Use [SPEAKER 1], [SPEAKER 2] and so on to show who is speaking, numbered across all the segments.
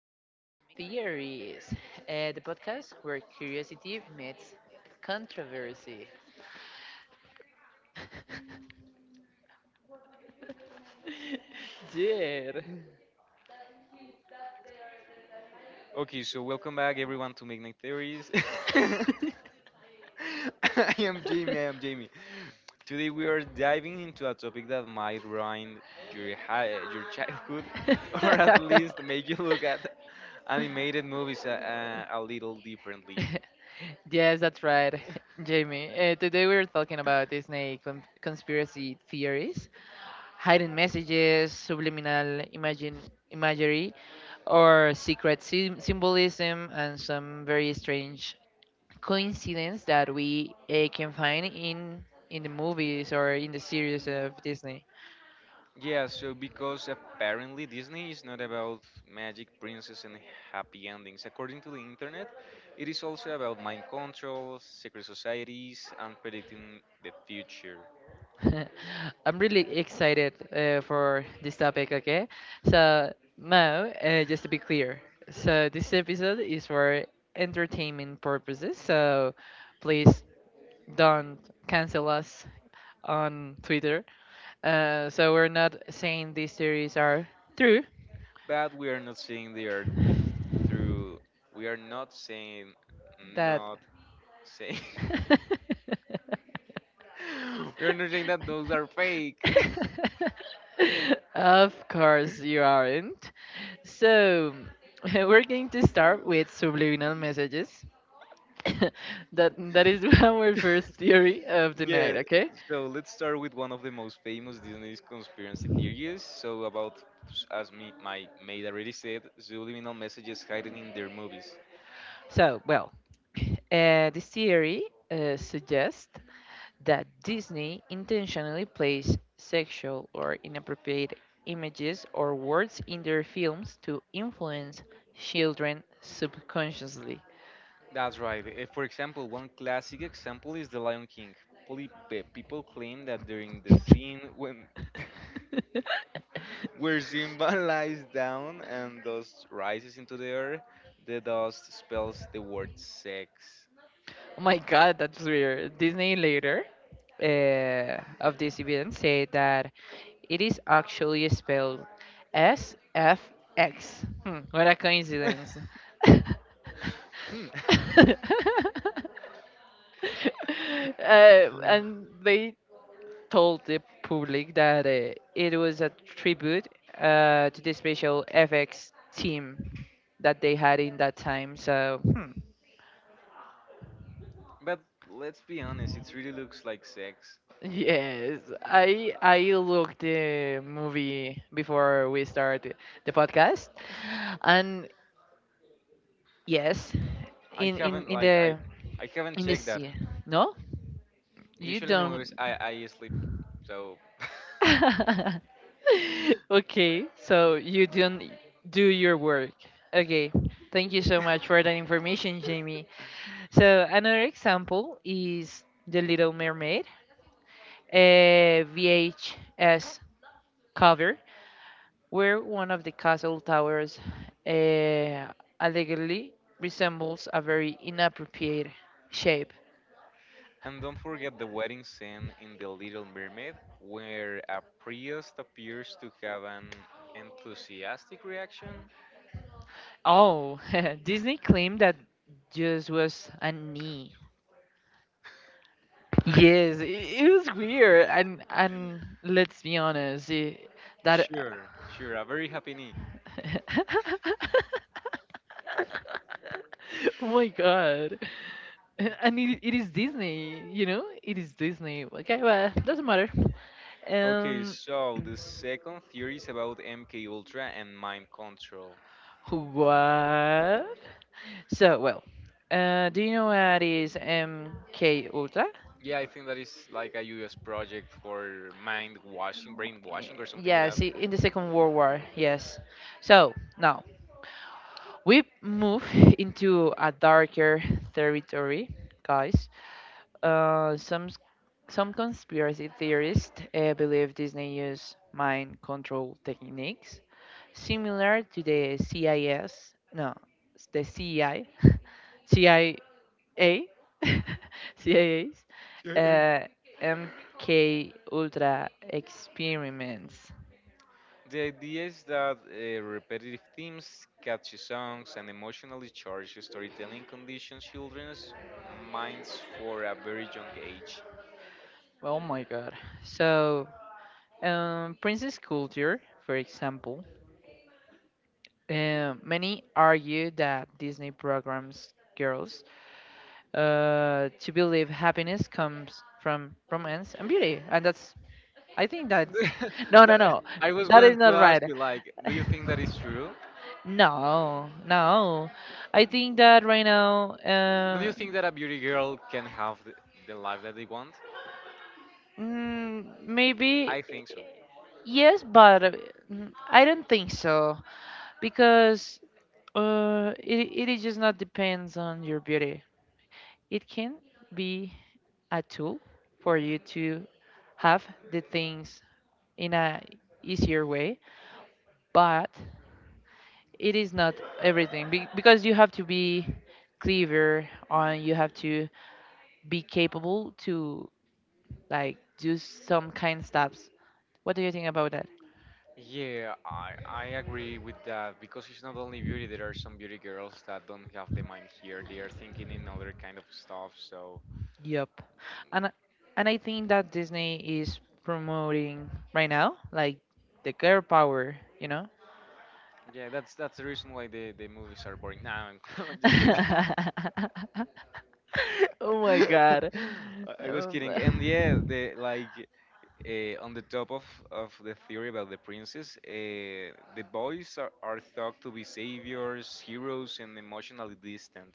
[SPEAKER 1] Midnight Theories, the podcast where curiosity meets controversy. Yeah.
[SPEAKER 2] Okay, so welcome back everyone to Midnight Theories. I I am Jamie. Today we are diving into a topic that might ruin your your childhood, or at least make you look at animated movies a little differently.
[SPEAKER 1] Yes, that's right, Jamie. Today we're talking about Disney conspiracy theories. Hidden messages, subliminal imagine imagery, or secret symbolism, and some very strange coincidence that we can find in the movies or in the series of Disney.
[SPEAKER 2] Yeah, so because apparently Disney is not about magic princess and happy endings. According to the internet, it is also about mind control, secret societies, and predicting the future.
[SPEAKER 1] I'm really excited for this topic. Okay, so now just to be clear, so this episode is for entertainment purposes. So please don't cancel us on Twitter. So we're not saying these theories are true.
[SPEAKER 2] But we are not seeing the earth through. We are not saying,
[SPEAKER 1] That
[SPEAKER 2] not saying. We are not saying that those are fake.
[SPEAKER 1] Of course you aren't. So we're going to start with subliminal messages. That is our first theory of the night.
[SPEAKER 2] Yeah.
[SPEAKER 1] Okay.
[SPEAKER 2] So let's start with one of the most famous Disney's conspiracy theories. So about, as me, my maid already said, subliminal messages hidden in their movies.
[SPEAKER 1] So, well, this theory suggests that Disney intentionally plays sexual or inappropriate images or words in their films to influence children subconsciously.
[SPEAKER 2] That's right. For example, one classic example is The Lion King. People claim that during the scene when where Simba lies down and dust rises into the air, the dust spells the word sex.
[SPEAKER 1] Oh my god, that's weird. Disney later of this event said that it is actually spelled SFX. Hmm, what a coincidence. uh,
[SPEAKER 2] Hmm.
[SPEAKER 1] and they told the public that it was a tribute to the special FX team that they had in that time. So, hmm.
[SPEAKER 2] But let's be honest, it really looks like sex.
[SPEAKER 1] Yes, I looked the movie before we start the podcast, and yes,
[SPEAKER 2] I
[SPEAKER 1] in in
[SPEAKER 2] haven't
[SPEAKER 1] in
[SPEAKER 2] like I
[SPEAKER 1] the
[SPEAKER 2] I haven't
[SPEAKER 1] in the
[SPEAKER 2] checked that.
[SPEAKER 1] sea, no. You
[SPEAKER 2] Usually in the movies
[SPEAKER 1] don't.
[SPEAKER 2] I sleep. So
[SPEAKER 1] Okay, so you don't do your work. Okay, thank you so much for that information, Jamie. So another example is The Little Mermaid, a VHS cover, where one of the castle towers uh, allegedly resembles a very inappropriate shape.
[SPEAKER 2] and don't forget the wedding scene in The Little Mermaid where a priest appears to have an enthusiastic reaction.
[SPEAKER 1] Oh, Disney claimed that just was a knee. Yes, it was weird, and let's be honest, it, that.
[SPEAKER 2] Sure, sure, a very happy.
[SPEAKER 1] Oh my god. And it is Disney, you know? It is Disney. Okay, well, doesn't matter.
[SPEAKER 2] Okay,
[SPEAKER 1] Um.
[SPEAKER 2] so the second theory is about MK Ultra and mind control.
[SPEAKER 1] What? So, well, do you know what is MK Ultra?
[SPEAKER 2] Yeah, I think that is like a U.S. project for mind washing,
[SPEAKER 1] Y-
[SPEAKER 2] brainwashing, or something like
[SPEAKER 1] Yes,
[SPEAKER 2] that.
[SPEAKER 1] in the Second World War. Yes. So now we move into a darker territory, guys. Uh, some s- some conspiracy theorists believe Disney used mind control techniques similar to the CIS, no, no, the CI, CIA, CIA's, uh, MK Ultra experiments.
[SPEAKER 2] The idea is that repetitive themes, catchy songs, and emotionally charged storytelling conditions children's minds for a very young age.
[SPEAKER 1] Oh my God! So, princess culture, for example, many argue that Disney programs girls to believe happiness comes from romance and beauty, and that's I think that's no,
[SPEAKER 2] That-
[SPEAKER 1] no, no,
[SPEAKER 2] I was
[SPEAKER 1] that
[SPEAKER 2] going
[SPEAKER 1] is
[SPEAKER 2] to
[SPEAKER 1] not
[SPEAKER 2] ask
[SPEAKER 1] right.
[SPEAKER 2] you, like, do you think that is true?
[SPEAKER 1] No, no. I think that right now,
[SPEAKER 2] Do you think that a beauty girl can have the life that they want?
[SPEAKER 1] maybe
[SPEAKER 2] I think so.
[SPEAKER 1] yes, but I don't think so because it is just not depends on your beauty. It can be a tool for you to have the things in a easier way, but it is not everything because you have to be clever on you have to be capable to like do some kind steps. What do you think about that?
[SPEAKER 2] Yeah, I agree with that because it's not only beauty. There are some beauty girls that don't have the mind here. They are thinking in other kind of stuff. So
[SPEAKER 1] Yup. And I- and I think that Disney is promoting right now like the girl power, you know?
[SPEAKER 2] yeah, that's the reason why the movies are boring. No, I'm just kidding.
[SPEAKER 1] Oh my God.
[SPEAKER 2] I I was
[SPEAKER 1] Um,
[SPEAKER 2] kidding. And yeah, the like on the top of the theory about the princess, the boys are thought to be saviors, heroes, and emotionally distant.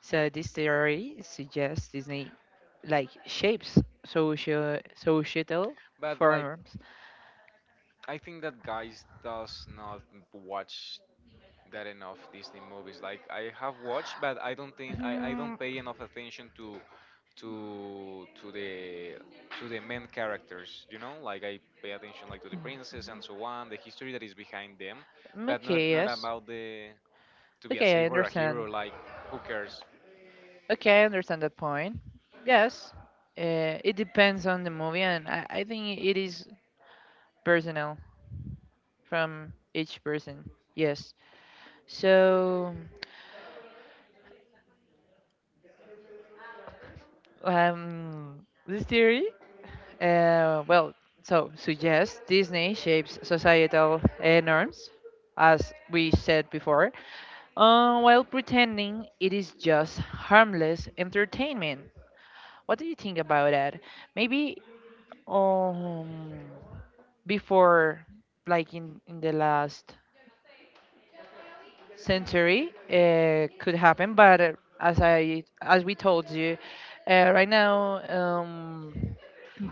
[SPEAKER 1] so this theory suggests Disney like shapes social societal
[SPEAKER 2] But like
[SPEAKER 1] forms.
[SPEAKER 2] I think that guys does not watch
[SPEAKER 1] That
[SPEAKER 2] that enough Disney movies. Like I have watched, but I
[SPEAKER 1] Mm,
[SPEAKER 2] don't pay enough attention to to the to the main characters. You know, like I pay attention like to the princess and so on, the history that is behind them, but not
[SPEAKER 1] okay,
[SPEAKER 2] not
[SPEAKER 1] yes.
[SPEAKER 2] about the to be a
[SPEAKER 1] Okay, I
[SPEAKER 2] savior, or a hero.
[SPEAKER 1] understand.
[SPEAKER 2] Like
[SPEAKER 1] Right?
[SPEAKER 2] who cares?
[SPEAKER 1] Okay, I understand that point. Yes, it depends on the movie, and I think it is personal. From each person. Yes. So, this theory, well, so suggests Disney shapes societal norms, as we said before, while pretending it is just harmless entertainment. What do you think about that? Maybe um, before, like in the last century could happen, but as we told you, right now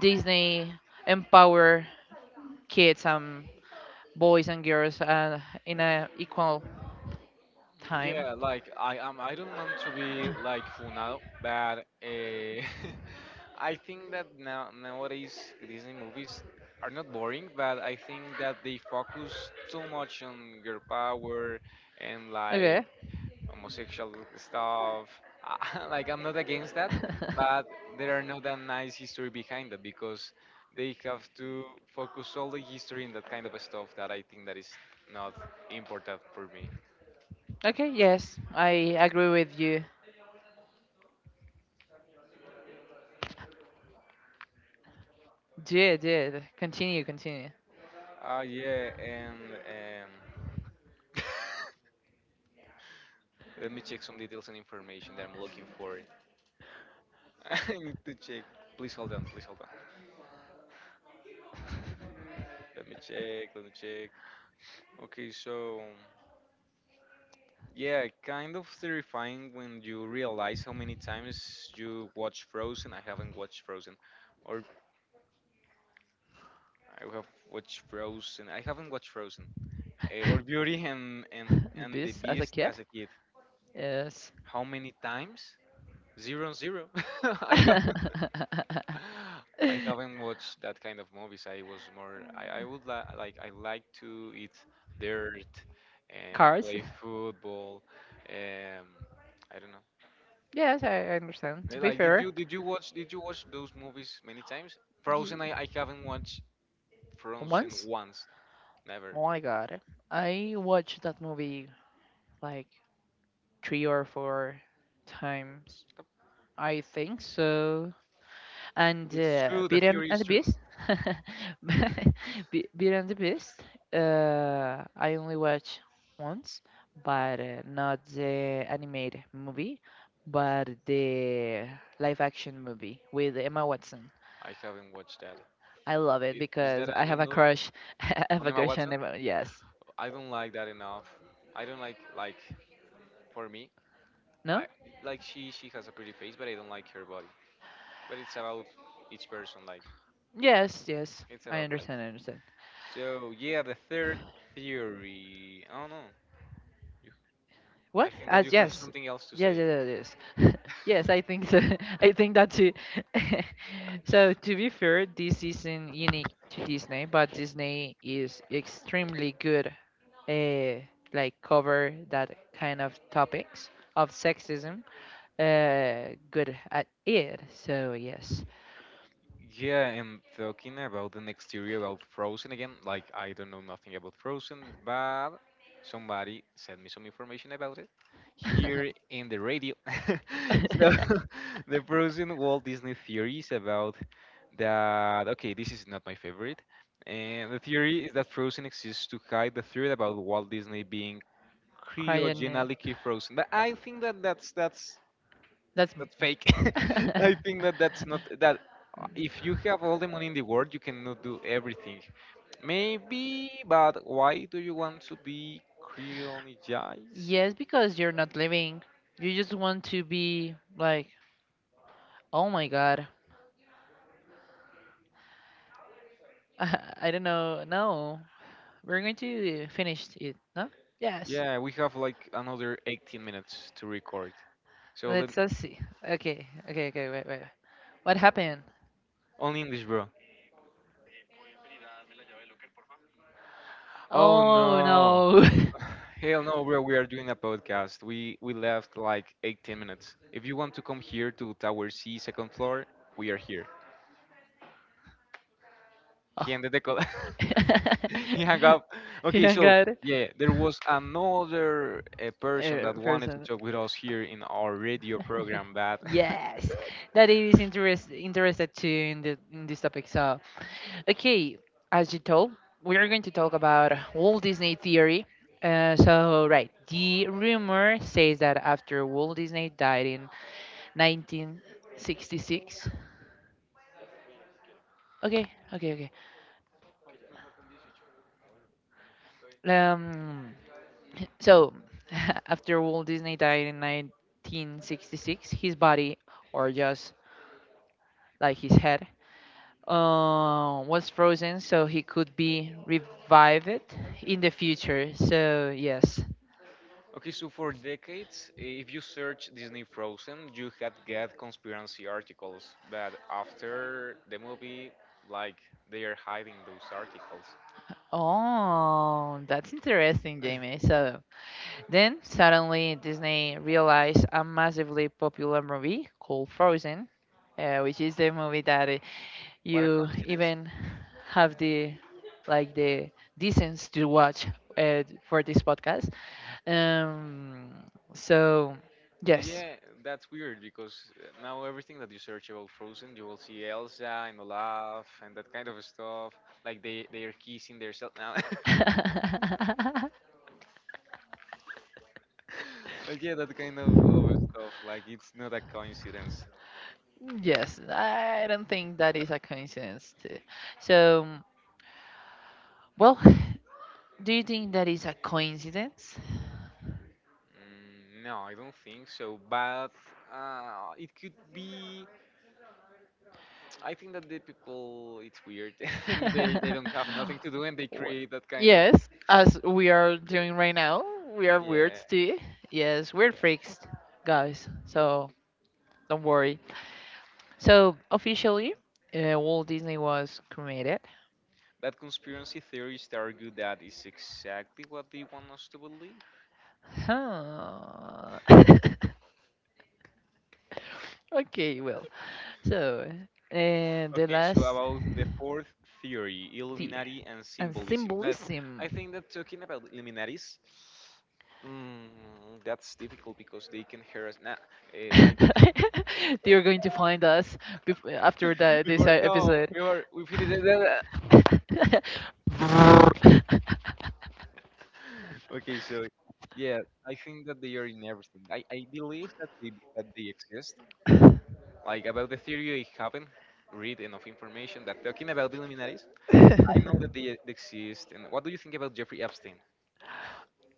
[SPEAKER 1] Disney empower kids and boys and girls in a equal
[SPEAKER 2] Mm,
[SPEAKER 1] time.
[SPEAKER 2] yeah, like I am. I don't want to be like Funado, but I think that nowadays Disney movies are not boring, but I think that they focus too much on girl power and
[SPEAKER 1] Okay.
[SPEAKER 2] like homosexual stuff. Like I'm not against that, but there are not that nice history behind that because they have to focus all the history in that kind of stuff that I think that is not important for me.
[SPEAKER 1] Okay. Yes, I agree with you. Yeah, yeah. Continue, continue.
[SPEAKER 2] Ah, yeah, and Let me check some details and information that I'm looking for. I need to check. Please hold on, please hold on. Let me check, let me check. Okay, so yeah, kind of terrifying when you realize how many times you watch Frozen. Or I have watched Frozen. I haven't watched Frozen, Eh, Or Beauty and and
[SPEAKER 1] The
[SPEAKER 2] and the
[SPEAKER 1] beast as a
[SPEAKER 2] Beast
[SPEAKER 1] kid?
[SPEAKER 2] as a kid.
[SPEAKER 1] Yes.
[SPEAKER 2] How many times? Zero and zero. I have I haven't watched that kind of movies. I was more. I would li- like. I like to eat dirt and
[SPEAKER 1] Cars?
[SPEAKER 2] play football. Um, I don't know.
[SPEAKER 1] Yes, I understand. To be
[SPEAKER 2] Like, did
[SPEAKER 1] fair.
[SPEAKER 2] you did you watch did you watch those movies many times?
[SPEAKER 1] Ye-
[SPEAKER 2] Frozen. I haven't watched Frozen
[SPEAKER 1] Once?
[SPEAKER 2] once. Never.
[SPEAKER 1] Oh my god. I watched that movie like three or four times. I think so. And
[SPEAKER 2] It's true. The
[SPEAKER 1] Beauty
[SPEAKER 2] theory
[SPEAKER 1] and
[SPEAKER 2] is
[SPEAKER 1] the
[SPEAKER 2] true.
[SPEAKER 1] Beast. Beauty and the Beast. I only watch once, but not the animated movie, but the live action movie with Emma Watson.
[SPEAKER 2] I haven't watched that.
[SPEAKER 1] I love it
[SPEAKER 2] Is
[SPEAKER 1] because
[SPEAKER 2] that
[SPEAKER 1] I
[SPEAKER 2] a
[SPEAKER 1] have
[SPEAKER 2] good
[SPEAKER 1] a
[SPEAKER 2] movie?
[SPEAKER 1] crush. I have a
[SPEAKER 2] Onema
[SPEAKER 1] crush on
[SPEAKER 2] Watson?
[SPEAKER 1] Emma. Yes.
[SPEAKER 2] I don't like that enough. I don't like for me.
[SPEAKER 1] No.
[SPEAKER 2] I like she has a pretty face, but I don't like her body. But it's about each person, like
[SPEAKER 1] Yes. Yes.
[SPEAKER 2] it's
[SPEAKER 1] I
[SPEAKER 2] about like.
[SPEAKER 1] understand. I understand.
[SPEAKER 2] So yeah, the third theory. I don't know. You, I
[SPEAKER 1] What?
[SPEAKER 2] think that
[SPEAKER 1] As
[SPEAKER 2] you have
[SPEAKER 1] yes,
[SPEAKER 2] something else to
[SPEAKER 1] yes,
[SPEAKER 2] say.
[SPEAKER 1] yes, yes. Yes, I think so. I think that too. So to be fair, this isn't unique to Disney, but Disney is extremely good, uh, like cover that kind of topics of sexism. Good at it. So yes,
[SPEAKER 2] Yeah, and talking about the next theory about Frozen again, like I don't know nothing about Frozen, but somebody sent me some information about it here in the radio. So the Frozen Walt Disney theory is about that, okay, this is not my favorite. And the theory is that Frozen exists to hide the theory about Walt Disney being
[SPEAKER 1] crying.
[SPEAKER 2] cryogenically frozen. But I think that that's
[SPEAKER 1] That's.
[SPEAKER 2] that's fake. I think that that's not that. If you have all the money in the world, you cannot do everything. Maybe, but why do you want to be creonized?
[SPEAKER 1] Yes, because you're not living. You just want to be like, oh my god, I don't know. No, we're going to finish it. No? Yes.
[SPEAKER 2] Yeah, we have like another 18 minutes to record. So let
[SPEAKER 1] Let's us see. Okay, okay, okay. Wait, wait. What happened?
[SPEAKER 2] only English, bro. Oh
[SPEAKER 1] Oh
[SPEAKER 2] no,
[SPEAKER 1] no.
[SPEAKER 2] hell no, bro. We are doing a podcast. We left like 18 minutes. If you want to come here to Tower C, second floor, we are here.
[SPEAKER 1] Oh.
[SPEAKER 2] He ended the call. He hung up.
[SPEAKER 1] He
[SPEAKER 2] Okay,
[SPEAKER 1] hung
[SPEAKER 2] so
[SPEAKER 1] out.
[SPEAKER 2] yeah, there was another person
[SPEAKER 1] A
[SPEAKER 2] that wanted to
[SPEAKER 1] person.
[SPEAKER 2] talk with us here in our radio program. That
[SPEAKER 1] Yes, that is interested too in the in this topic. So, okay, as you told, we are going to talk about Walt Disney theory. So right, the rumor says that after Walt Disney died in 1966. Okay, okay, okay. Um, so after Walt Disney died in 1966, his body or just like his head was frozen so he could be revived in the future. So, yes.
[SPEAKER 2] okay, so for decades, if you search Disney Frozen, you had get conspiracy articles, but after the movie, like they are hiding those articles.
[SPEAKER 1] Oh, that's interesting, Jamie. So, then suddenly Disney realized a massively popular movie called Frozen, which is the movie that
[SPEAKER 2] What a
[SPEAKER 1] you
[SPEAKER 2] coincidence!
[SPEAKER 1] even have the decency to watch for this podcast. Um, so,
[SPEAKER 2] So
[SPEAKER 1] yes.
[SPEAKER 2] yeah, that's weird because now everything that you search about Frozen, you will see Elsa and Olaf and that kind of stuff. Like they are kissing themselves now. Like yeah, that kind of stuff. Like it's not a coincidence.
[SPEAKER 1] Yes, I don't think that is a coincidence. Too. So, well, do you think that is a coincidence?
[SPEAKER 2] Mm, no, I don't think so. But it could be. I think that the people, it's weird. And they don't have nothing to do and they
[SPEAKER 1] Wha-
[SPEAKER 2] create that kind of
[SPEAKER 1] Yes, as we are doing right now, we are weirds too. Yes,
[SPEAKER 2] yeah,
[SPEAKER 1] we're
[SPEAKER 2] yeah.
[SPEAKER 1] freaks, guys. So don't worry. So officially, Walt Disney was cremated.
[SPEAKER 2] That conspiracy theories that are good at is exactly what they want us to believe.
[SPEAKER 1] Huh. Okay, well, so and the
[SPEAKER 2] Okay, so
[SPEAKER 1] last.
[SPEAKER 2] about the fourth theory,
[SPEAKER 1] Tea
[SPEAKER 2] Illuminati and
[SPEAKER 1] and
[SPEAKER 2] symbolism. But
[SPEAKER 1] symbolism.
[SPEAKER 2] I think that talking about Illuminatis, mm, that's difficult because they can hear us now. eh, like
[SPEAKER 1] They're going to find us after this
[SPEAKER 2] before, no,
[SPEAKER 1] episode.
[SPEAKER 2] we were we finished it. Okay, so yeah, I think that they are in everything. I believe that they exist. Like about the theory, I haven't read enough information. That talking about Illuminatis, I know that they exist. And what do you think about Jeffrey Epstein?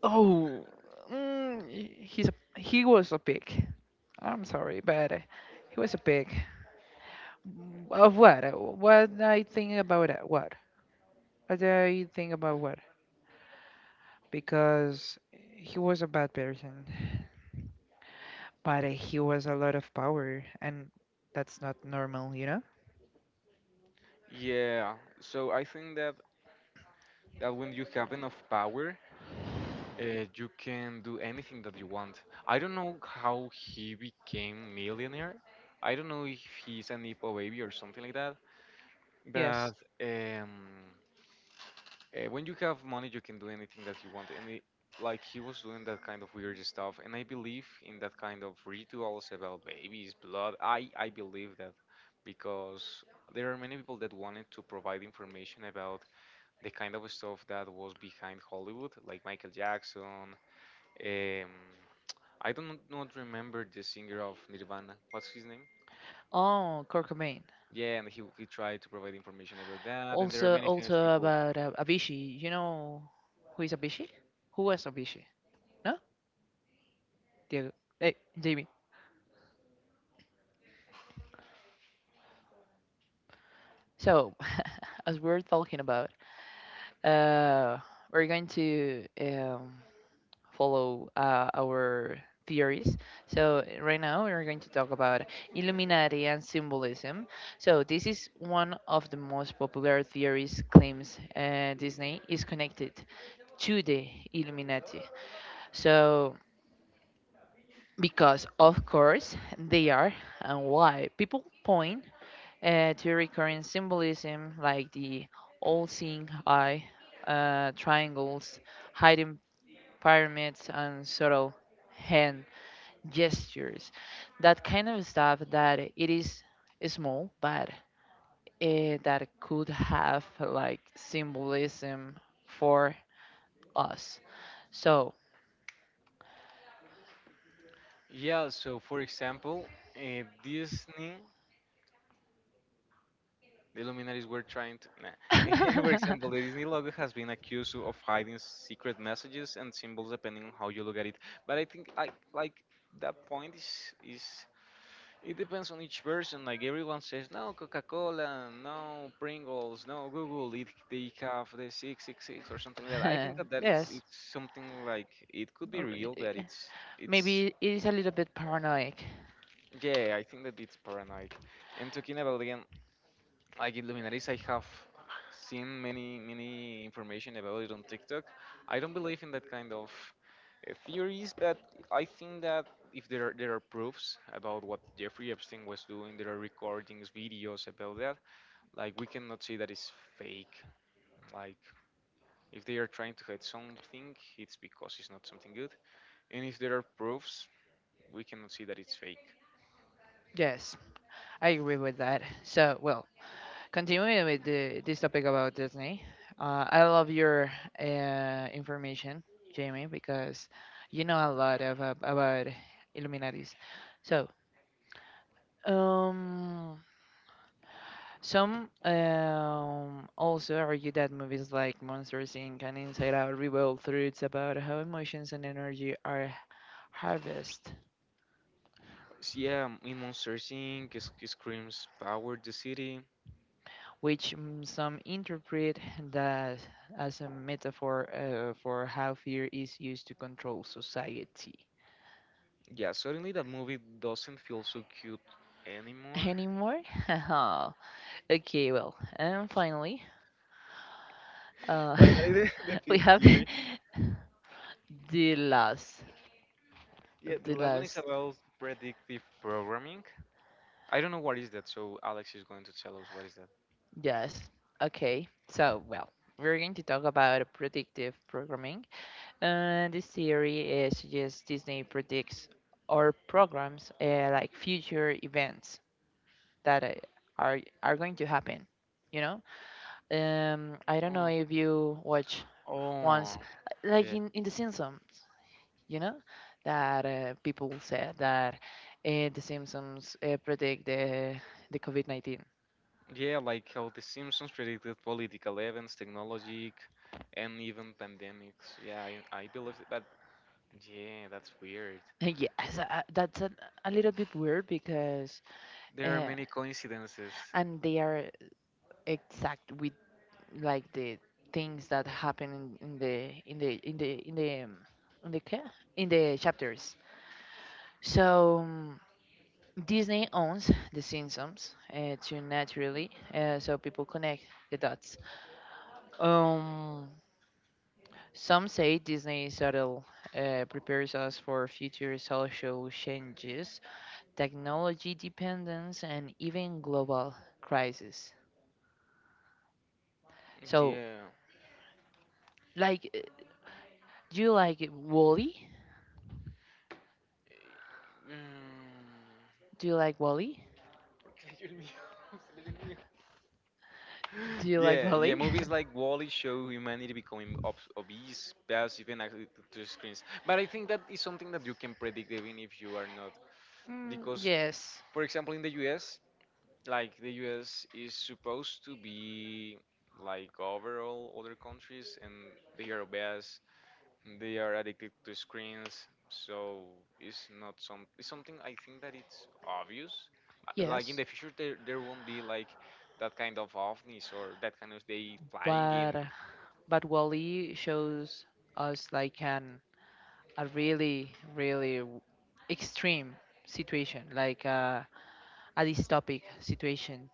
[SPEAKER 1] Oh, mm, he was a pig. I'm sorry, but he was a pig. Of what? What I think about it? What? What I think about what? Because he was a bad person, but he was a lot of power, and that's not normal, you know?
[SPEAKER 2] Yeah, so I think that that when you have enough power, you can do anything that you want. I don't know how he became millionaire. I don't know if he's an IPO baby or something like that.
[SPEAKER 1] Yes.
[SPEAKER 2] But um, when you have money, you can do anything that you want. And it, like he was doing that kind of weird stuff. And I believe in that kind of rituals about babies, blood. I believe that because there are many people that wanted to provide information about the kind of stuff that was behind Hollywood, like Michael Jackson. Um, I do not remember the singer of Nirvana. What's his name?
[SPEAKER 1] Oh, Kurt Cobain.
[SPEAKER 2] Yeah, and he tried to provide information about that, and there are
[SPEAKER 1] Also,
[SPEAKER 2] many famous
[SPEAKER 1] also
[SPEAKER 2] people.
[SPEAKER 1] about Avicii. You know who is Avicii? Who was Avicii? No, Diego. Hey, Jamie. So, as we're talking about, uh, we're going to follow our theories. So, right now we're going to talk about Illuminati and symbolism. So, this is one of the most popular theories claims Disney is connected to the Illuminati. So, because of course they are, and why people point to recurring symbolism like the all-seeing eye, triangles, hiding pyramids, and subtle hand gestures, that kind of stuff that it is small, but that could have like symbolism for us. So,
[SPEAKER 2] Yeah, so for example, uh, Disney, the Luminaries were trying to. Nah. For example, the Disney logo has been accused of hiding secret messages and symbols depending on how you look at it. But I think like that point is it depends on each person. Like everyone says, no Coca-Cola, no Pringles, no Google. It, they have the 666 or something like that. I think that it's
[SPEAKER 1] yes,
[SPEAKER 2] it's something like it could be
[SPEAKER 1] uh,
[SPEAKER 2] real, but it's
[SPEAKER 1] maybe it is a little bit paranoid.
[SPEAKER 2] yeah. I think that it's paranoid. And talking about again like Illuminaris, I have seen many, many information about it on TikTok. I don't believe in that kind of theories, but I think that if there are proofs about what Jeffrey Epstein was doing, there are recordings, videos about that. Like we cannot say that it's fake. Like if they are trying to hide something, it's because it's not something good. And if there are proofs, we cannot see that it's fake.
[SPEAKER 1] Yes, I agree with that. So, well, continuing with this topic about Disney, I love your information, Jamie, because you know a lot of, about Illuminatis. So, um, some also argue that movies like Monsters Inc. and Inside Out reveal truths about how emotions and energy are harvested,
[SPEAKER 2] So yeah, in Monsters Inc., it screams power the city.
[SPEAKER 1] which some interpret that as a metaphor for how fear is used to control society.
[SPEAKER 2] Yeah, suddenly that movie doesn't feel so cute anymore.
[SPEAKER 1] Anymore? Okay, well, and finally, uh,
[SPEAKER 2] Finally, the, the
[SPEAKER 1] we
[SPEAKER 2] Fifth
[SPEAKER 1] have
[SPEAKER 2] Fury.
[SPEAKER 1] the last,
[SPEAKER 2] Yeah, the
[SPEAKER 1] the
[SPEAKER 2] last one is
[SPEAKER 1] last.
[SPEAKER 2] about predictive programming. I don't know what is that, so Alex is going to tell us what is that.
[SPEAKER 1] Yes. Okay. So, well, we're going to talk about predictive programming. This theory is suggests Disney predicts or programs like future events that are going to happen. You know, I don't know if you watch
[SPEAKER 2] Oh,
[SPEAKER 1] once,
[SPEAKER 2] oh,
[SPEAKER 1] like
[SPEAKER 2] yeah.
[SPEAKER 1] in The Simpsons. You know, that people said that the symptoms predict the COVID-19.
[SPEAKER 2] Yeah, like how The Simpsons predicted political events, technology, and even pandemics. Yeah, I believe that. Yeah, that's weird.
[SPEAKER 1] Yes, that's a little bit weird because
[SPEAKER 2] There are
[SPEAKER 1] uh,
[SPEAKER 2] many coincidences.
[SPEAKER 1] and they are exact with like the things that happen in the in the in the in the ca- in the chapters. So Disney owns the Simpsons to naturally, so people connect the dots. Um, Some say Disney's shuttle prepares us for future social changes, technology dependence, and even global crisis. So,
[SPEAKER 2] Yeah.
[SPEAKER 1] like, do you like Wally?
[SPEAKER 2] Mm.
[SPEAKER 1] Do you like Wally? Do you like
[SPEAKER 2] Yeah, yeah.
[SPEAKER 1] Wally?
[SPEAKER 2] Movies like Wall-E show humanity becoming obese, passive, and active to screens. But I think that is something that you can predict even if you are not,
[SPEAKER 1] Mm,
[SPEAKER 2] because,
[SPEAKER 1] yes,
[SPEAKER 2] for example, in the U.S., like the U.S. is supposed to be like overall other countries, and they are obese, they are addicted to screens. So it's not some. It's something I think that it's obvious. Like in
[SPEAKER 1] yes.
[SPEAKER 2] the future, there won't be like that kind of ovnis or that kind of they flying in.
[SPEAKER 1] But Wally shows us like an a really, really extreme situation, like a dystopic situation.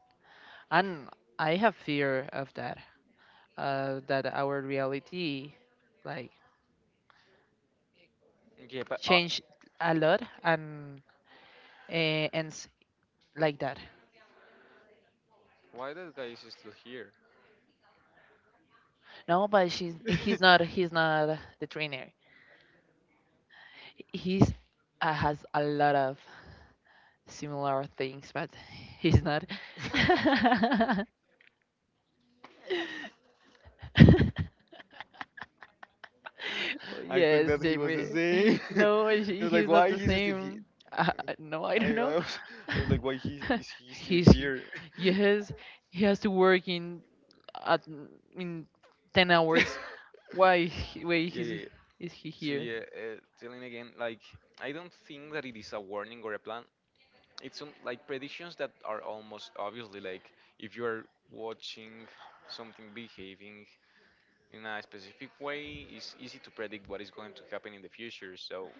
[SPEAKER 1] And I have fear of that, that our reality like
[SPEAKER 2] Yeah, but
[SPEAKER 1] change a lot and ends like that.
[SPEAKER 2] why that guy is still here?
[SPEAKER 1] No, but she's he's not the trainer. He's has a lot of similar things, but he's not. Oh,
[SPEAKER 2] I thought
[SPEAKER 1] yes,
[SPEAKER 2] that he was the
[SPEAKER 1] Jamie.
[SPEAKER 2] same.
[SPEAKER 1] No,
[SPEAKER 2] I was like,
[SPEAKER 1] he's not
[SPEAKER 2] why
[SPEAKER 1] the
[SPEAKER 2] he's still here?
[SPEAKER 1] same. Uh, no, I
[SPEAKER 2] I,
[SPEAKER 1] don't
[SPEAKER 2] I,
[SPEAKER 1] know.
[SPEAKER 2] was, I was like, why he is he still
[SPEAKER 1] He's he-
[SPEAKER 2] here?
[SPEAKER 1] yes, he has to work in at in 10 hours. Why is
[SPEAKER 2] yeah,
[SPEAKER 1] he
[SPEAKER 2] yeah.
[SPEAKER 1] is he
[SPEAKER 2] So
[SPEAKER 1] here?
[SPEAKER 2] yeah, telling again, like I don't think that it is a warning or a plan. It's some like predictions that are almost obviously like if you are watching something behaving in a specific way, it's easy to predict what is going to happen in the future. So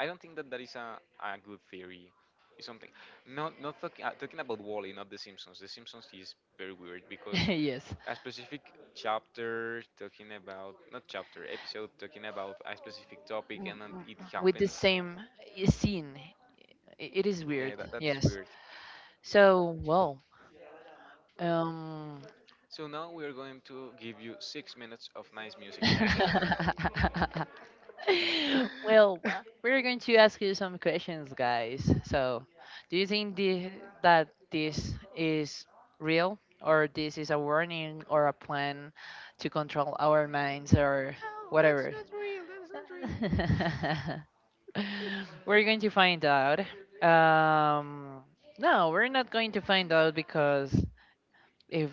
[SPEAKER 2] I don't think that that is a good theory. It's something. Not not talk, talking about Wally, not The Simpsons. The Simpsons is very weird because
[SPEAKER 1] Yes,
[SPEAKER 2] a specific chapter talking about not chapter episode talking about a specific topic
[SPEAKER 1] W-
[SPEAKER 2] and then
[SPEAKER 1] w-
[SPEAKER 2] it
[SPEAKER 1] with the
[SPEAKER 2] happens.
[SPEAKER 1] same scene. It is
[SPEAKER 2] Yeah,
[SPEAKER 1] weird.
[SPEAKER 2] that is
[SPEAKER 1] Yes.
[SPEAKER 2] weird.
[SPEAKER 1] So well, um.
[SPEAKER 2] So now we are going to give you six minutes of nice music. How?
[SPEAKER 1] Well, we're going to ask you some questions, guys. So, do you think that this is real, or this is a warning or a plan to control our minds or whatever?
[SPEAKER 2] Not real. That is not real.
[SPEAKER 1] We're going to find out. Um, no, we're not going to find out because if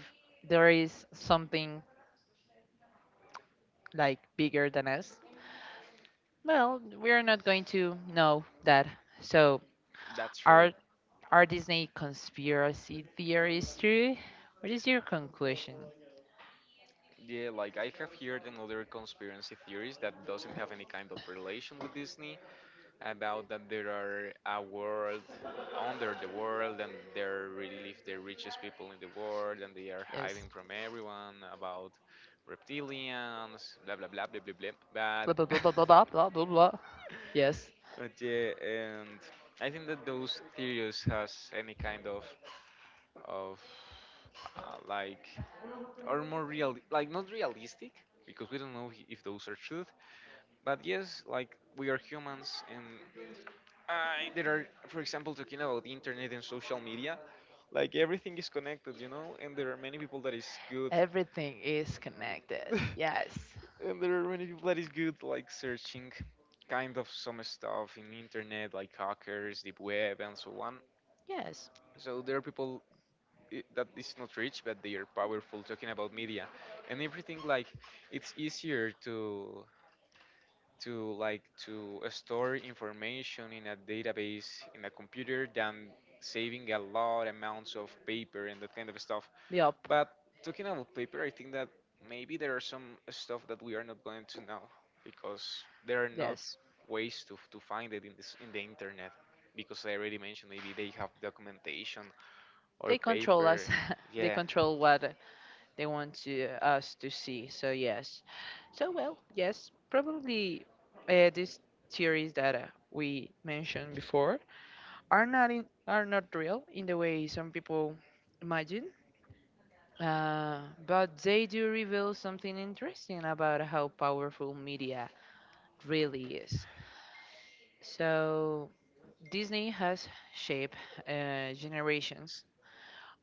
[SPEAKER 1] there is something like bigger than us? Well, we're not going to know that. So,
[SPEAKER 2] That's true.
[SPEAKER 1] are are Disney conspiracy theories true? What is your conclusion?
[SPEAKER 2] Yeah, like I have heard another conspiracy theories that doesn't have any kind of relation with Disney, about that there are a world under the world and they're really the richest people in the world and they are
[SPEAKER 1] Yes.
[SPEAKER 2] hiding from everyone about reptilians, blah blah blah blah blah blah.
[SPEAKER 1] Blah
[SPEAKER 2] But
[SPEAKER 1] blah blah blah blah blah blah blah, blah. Yes.
[SPEAKER 2] yeah, and I think that those theories has any kind of uh, like are more real like not realistic because we don't know if those are truth. But yes, like we are humans, and there are, for example, talking about the internet and social media, like everything is connected, you know, and there are many people that is good,
[SPEAKER 1] Everything is connected. Yes.
[SPEAKER 2] and there are many people that is good, like searching kind of some stuff in internet, like hackers, deep web, and so on.
[SPEAKER 1] Yes.
[SPEAKER 2] So there are people that is not rich, but they are powerful talking about media and everything. Like it's easier to store information in a database in a computer than saving a lot amounts of paper and that kind of stuff.
[SPEAKER 1] Yup.
[SPEAKER 2] But talking about paper, I think that maybe there are some stuff that we are not going to know because there are not
[SPEAKER 1] Yes.
[SPEAKER 2] ways to find it in this in the internet because I already mentioned maybe they have documentation or
[SPEAKER 1] They control
[SPEAKER 2] paper.
[SPEAKER 1] us. They
[SPEAKER 2] Yeah,
[SPEAKER 1] control what they want to us to see. So yes, so well, yes, probably these theories that we mentioned before are not real in the way some people imagine. Uh, but they do reveal something interesting about how powerful media really is. So Disney has shaped generations.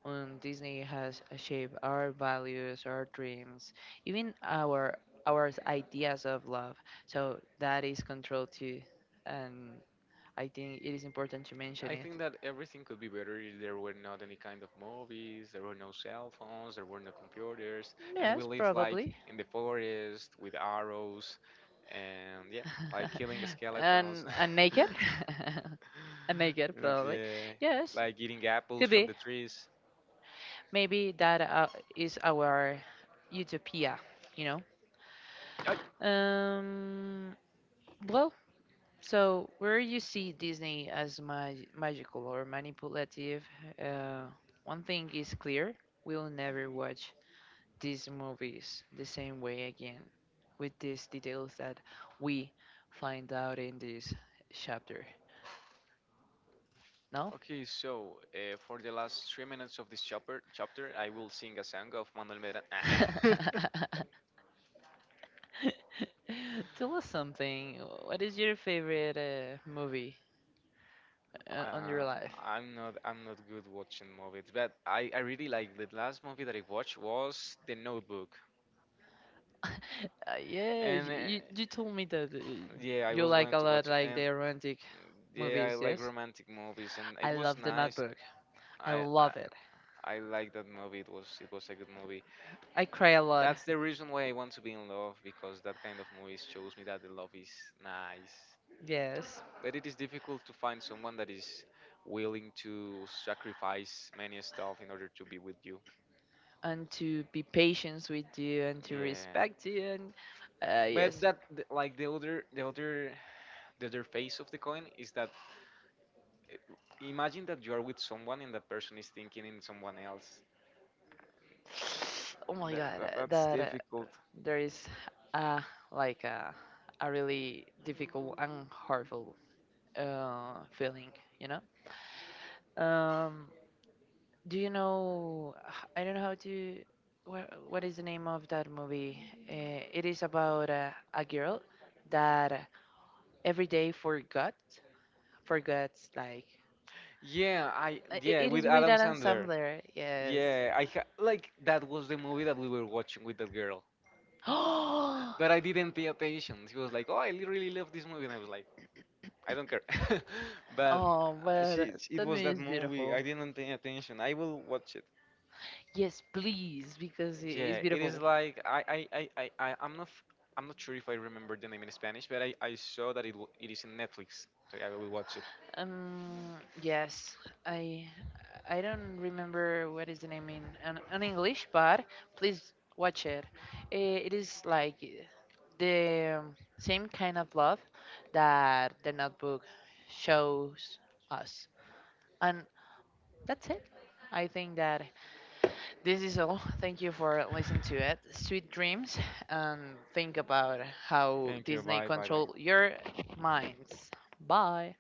[SPEAKER 1] Disney has shaped our values, our dreams, even our ideas of love. So that is control too, and I think it is important to mention
[SPEAKER 2] I
[SPEAKER 1] it.
[SPEAKER 2] think that everything could be better if there were not any kind of movies, there were no cell phones, there were no computers, and we
[SPEAKER 1] Yes,
[SPEAKER 2] live like
[SPEAKER 1] probably.
[SPEAKER 2] in the forest with arrows, and yeah, like killing skeletons.
[SPEAKER 1] And naked, and naked
[SPEAKER 2] And
[SPEAKER 1] probably.
[SPEAKER 2] yeah,
[SPEAKER 1] Yes,
[SPEAKER 2] like eating
[SPEAKER 1] could
[SPEAKER 2] apples from
[SPEAKER 1] be.
[SPEAKER 2] the trees.
[SPEAKER 1] Maybe that is our utopia. You
[SPEAKER 2] Ay!
[SPEAKER 1] know. Well, so, where you see Disney as magical or manipulative, uh, one thing is clear: we'll never watch these movies the same way again, with these details that we find out in this chapter. No?
[SPEAKER 2] Okay, so for the last three minutes of this chapter, I will sing a song of Manuel Medrano.
[SPEAKER 1] Tell us something. What is your favorite movie on your
[SPEAKER 2] Uh,
[SPEAKER 1] life?
[SPEAKER 2] I'm not good watching movies, but I really like, the last movie that I watched was The Notebook,
[SPEAKER 1] Yes,
[SPEAKER 2] and
[SPEAKER 1] you told me that
[SPEAKER 2] yeah, I
[SPEAKER 1] you
[SPEAKER 2] was
[SPEAKER 1] like a
[SPEAKER 2] going to
[SPEAKER 1] lot
[SPEAKER 2] watch,
[SPEAKER 1] like
[SPEAKER 2] and
[SPEAKER 1] the romantic
[SPEAKER 2] yeah, I
[SPEAKER 1] movies,
[SPEAKER 2] like
[SPEAKER 1] yes?
[SPEAKER 2] romantic movies, and
[SPEAKER 1] I
[SPEAKER 2] it was
[SPEAKER 1] love The
[SPEAKER 2] nice.
[SPEAKER 1] Notebook. I
[SPEAKER 2] I I,
[SPEAKER 1] love it.
[SPEAKER 2] I like that movie. It was a good movie.
[SPEAKER 1] I cry a lot,
[SPEAKER 2] That's the reason why I want to be in love, because that kind of movies shows me that the love is nice,
[SPEAKER 1] yes.
[SPEAKER 2] but it is difficult to find someone that is willing to sacrifice many stuff in order to be with you.
[SPEAKER 1] And to be patient with you and to
[SPEAKER 2] Yeah.
[SPEAKER 1] respect you and
[SPEAKER 2] But
[SPEAKER 1] yes.
[SPEAKER 2] like the other face of the coin is that uh, imagine that you are with someone and that person is thinking in someone else.
[SPEAKER 1] Oh my god,
[SPEAKER 2] That's
[SPEAKER 1] that
[SPEAKER 2] difficult.
[SPEAKER 1] there is uh, like a really difficult and harmful feeling, you know? Um, Do you know? I don't know how to. What is the name of that movie? It is about a girl that every day forgets like.
[SPEAKER 2] Yeah, I, yeah,
[SPEAKER 1] It is
[SPEAKER 2] with
[SPEAKER 1] with
[SPEAKER 2] Adam
[SPEAKER 1] Adam
[SPEAKER 2] Sandler.
[SPEAKER 1] Sandler, yes.
[SPEAKER 2] Yeah, like that was the movie that we were watching with that girl,
[SPEAKER 1] Oh,
[SPEAKER 2] but I didn't pay attention. She was like, "Oh, really love this movie," and I was like, I don't care. but
[SPEAKER 1] oh, but that
[SPEAKER 2] it was
[SPEAKER 1] movie is
[SPEAKER 2] that movie.
[SPEAKER 1] beautiful.
[SPEAKER 2] I didn't pay attention. I will watch it.
[SPEAKER 1] Yes, please, because it is
[SPEAKER 2] Yeah, it
[SPEAKER 1] beautiful.
[SPEAKER 2] is like I'm not I'm not sure if I remember the name in Spanish, but I saw that it is in Netflix. So yeah, I will watch it.
[SPEAKER 1] Um, yes, I I don't remember what is the name in English, but please watch it. It is like the same kind of love that the Notebook shows us, and that's it. I think that this is all. Thank you for listening to it. Sweet dreams, and think about how
[SPEAKER 2] Thank you.
[SPEAKER 1] Disney
[SPEAKER 2] Bye. Bye.
[SPEAKER 1] control your minds.
[SPEAKER 2] Bye.
[SPEAKER 1] Bye.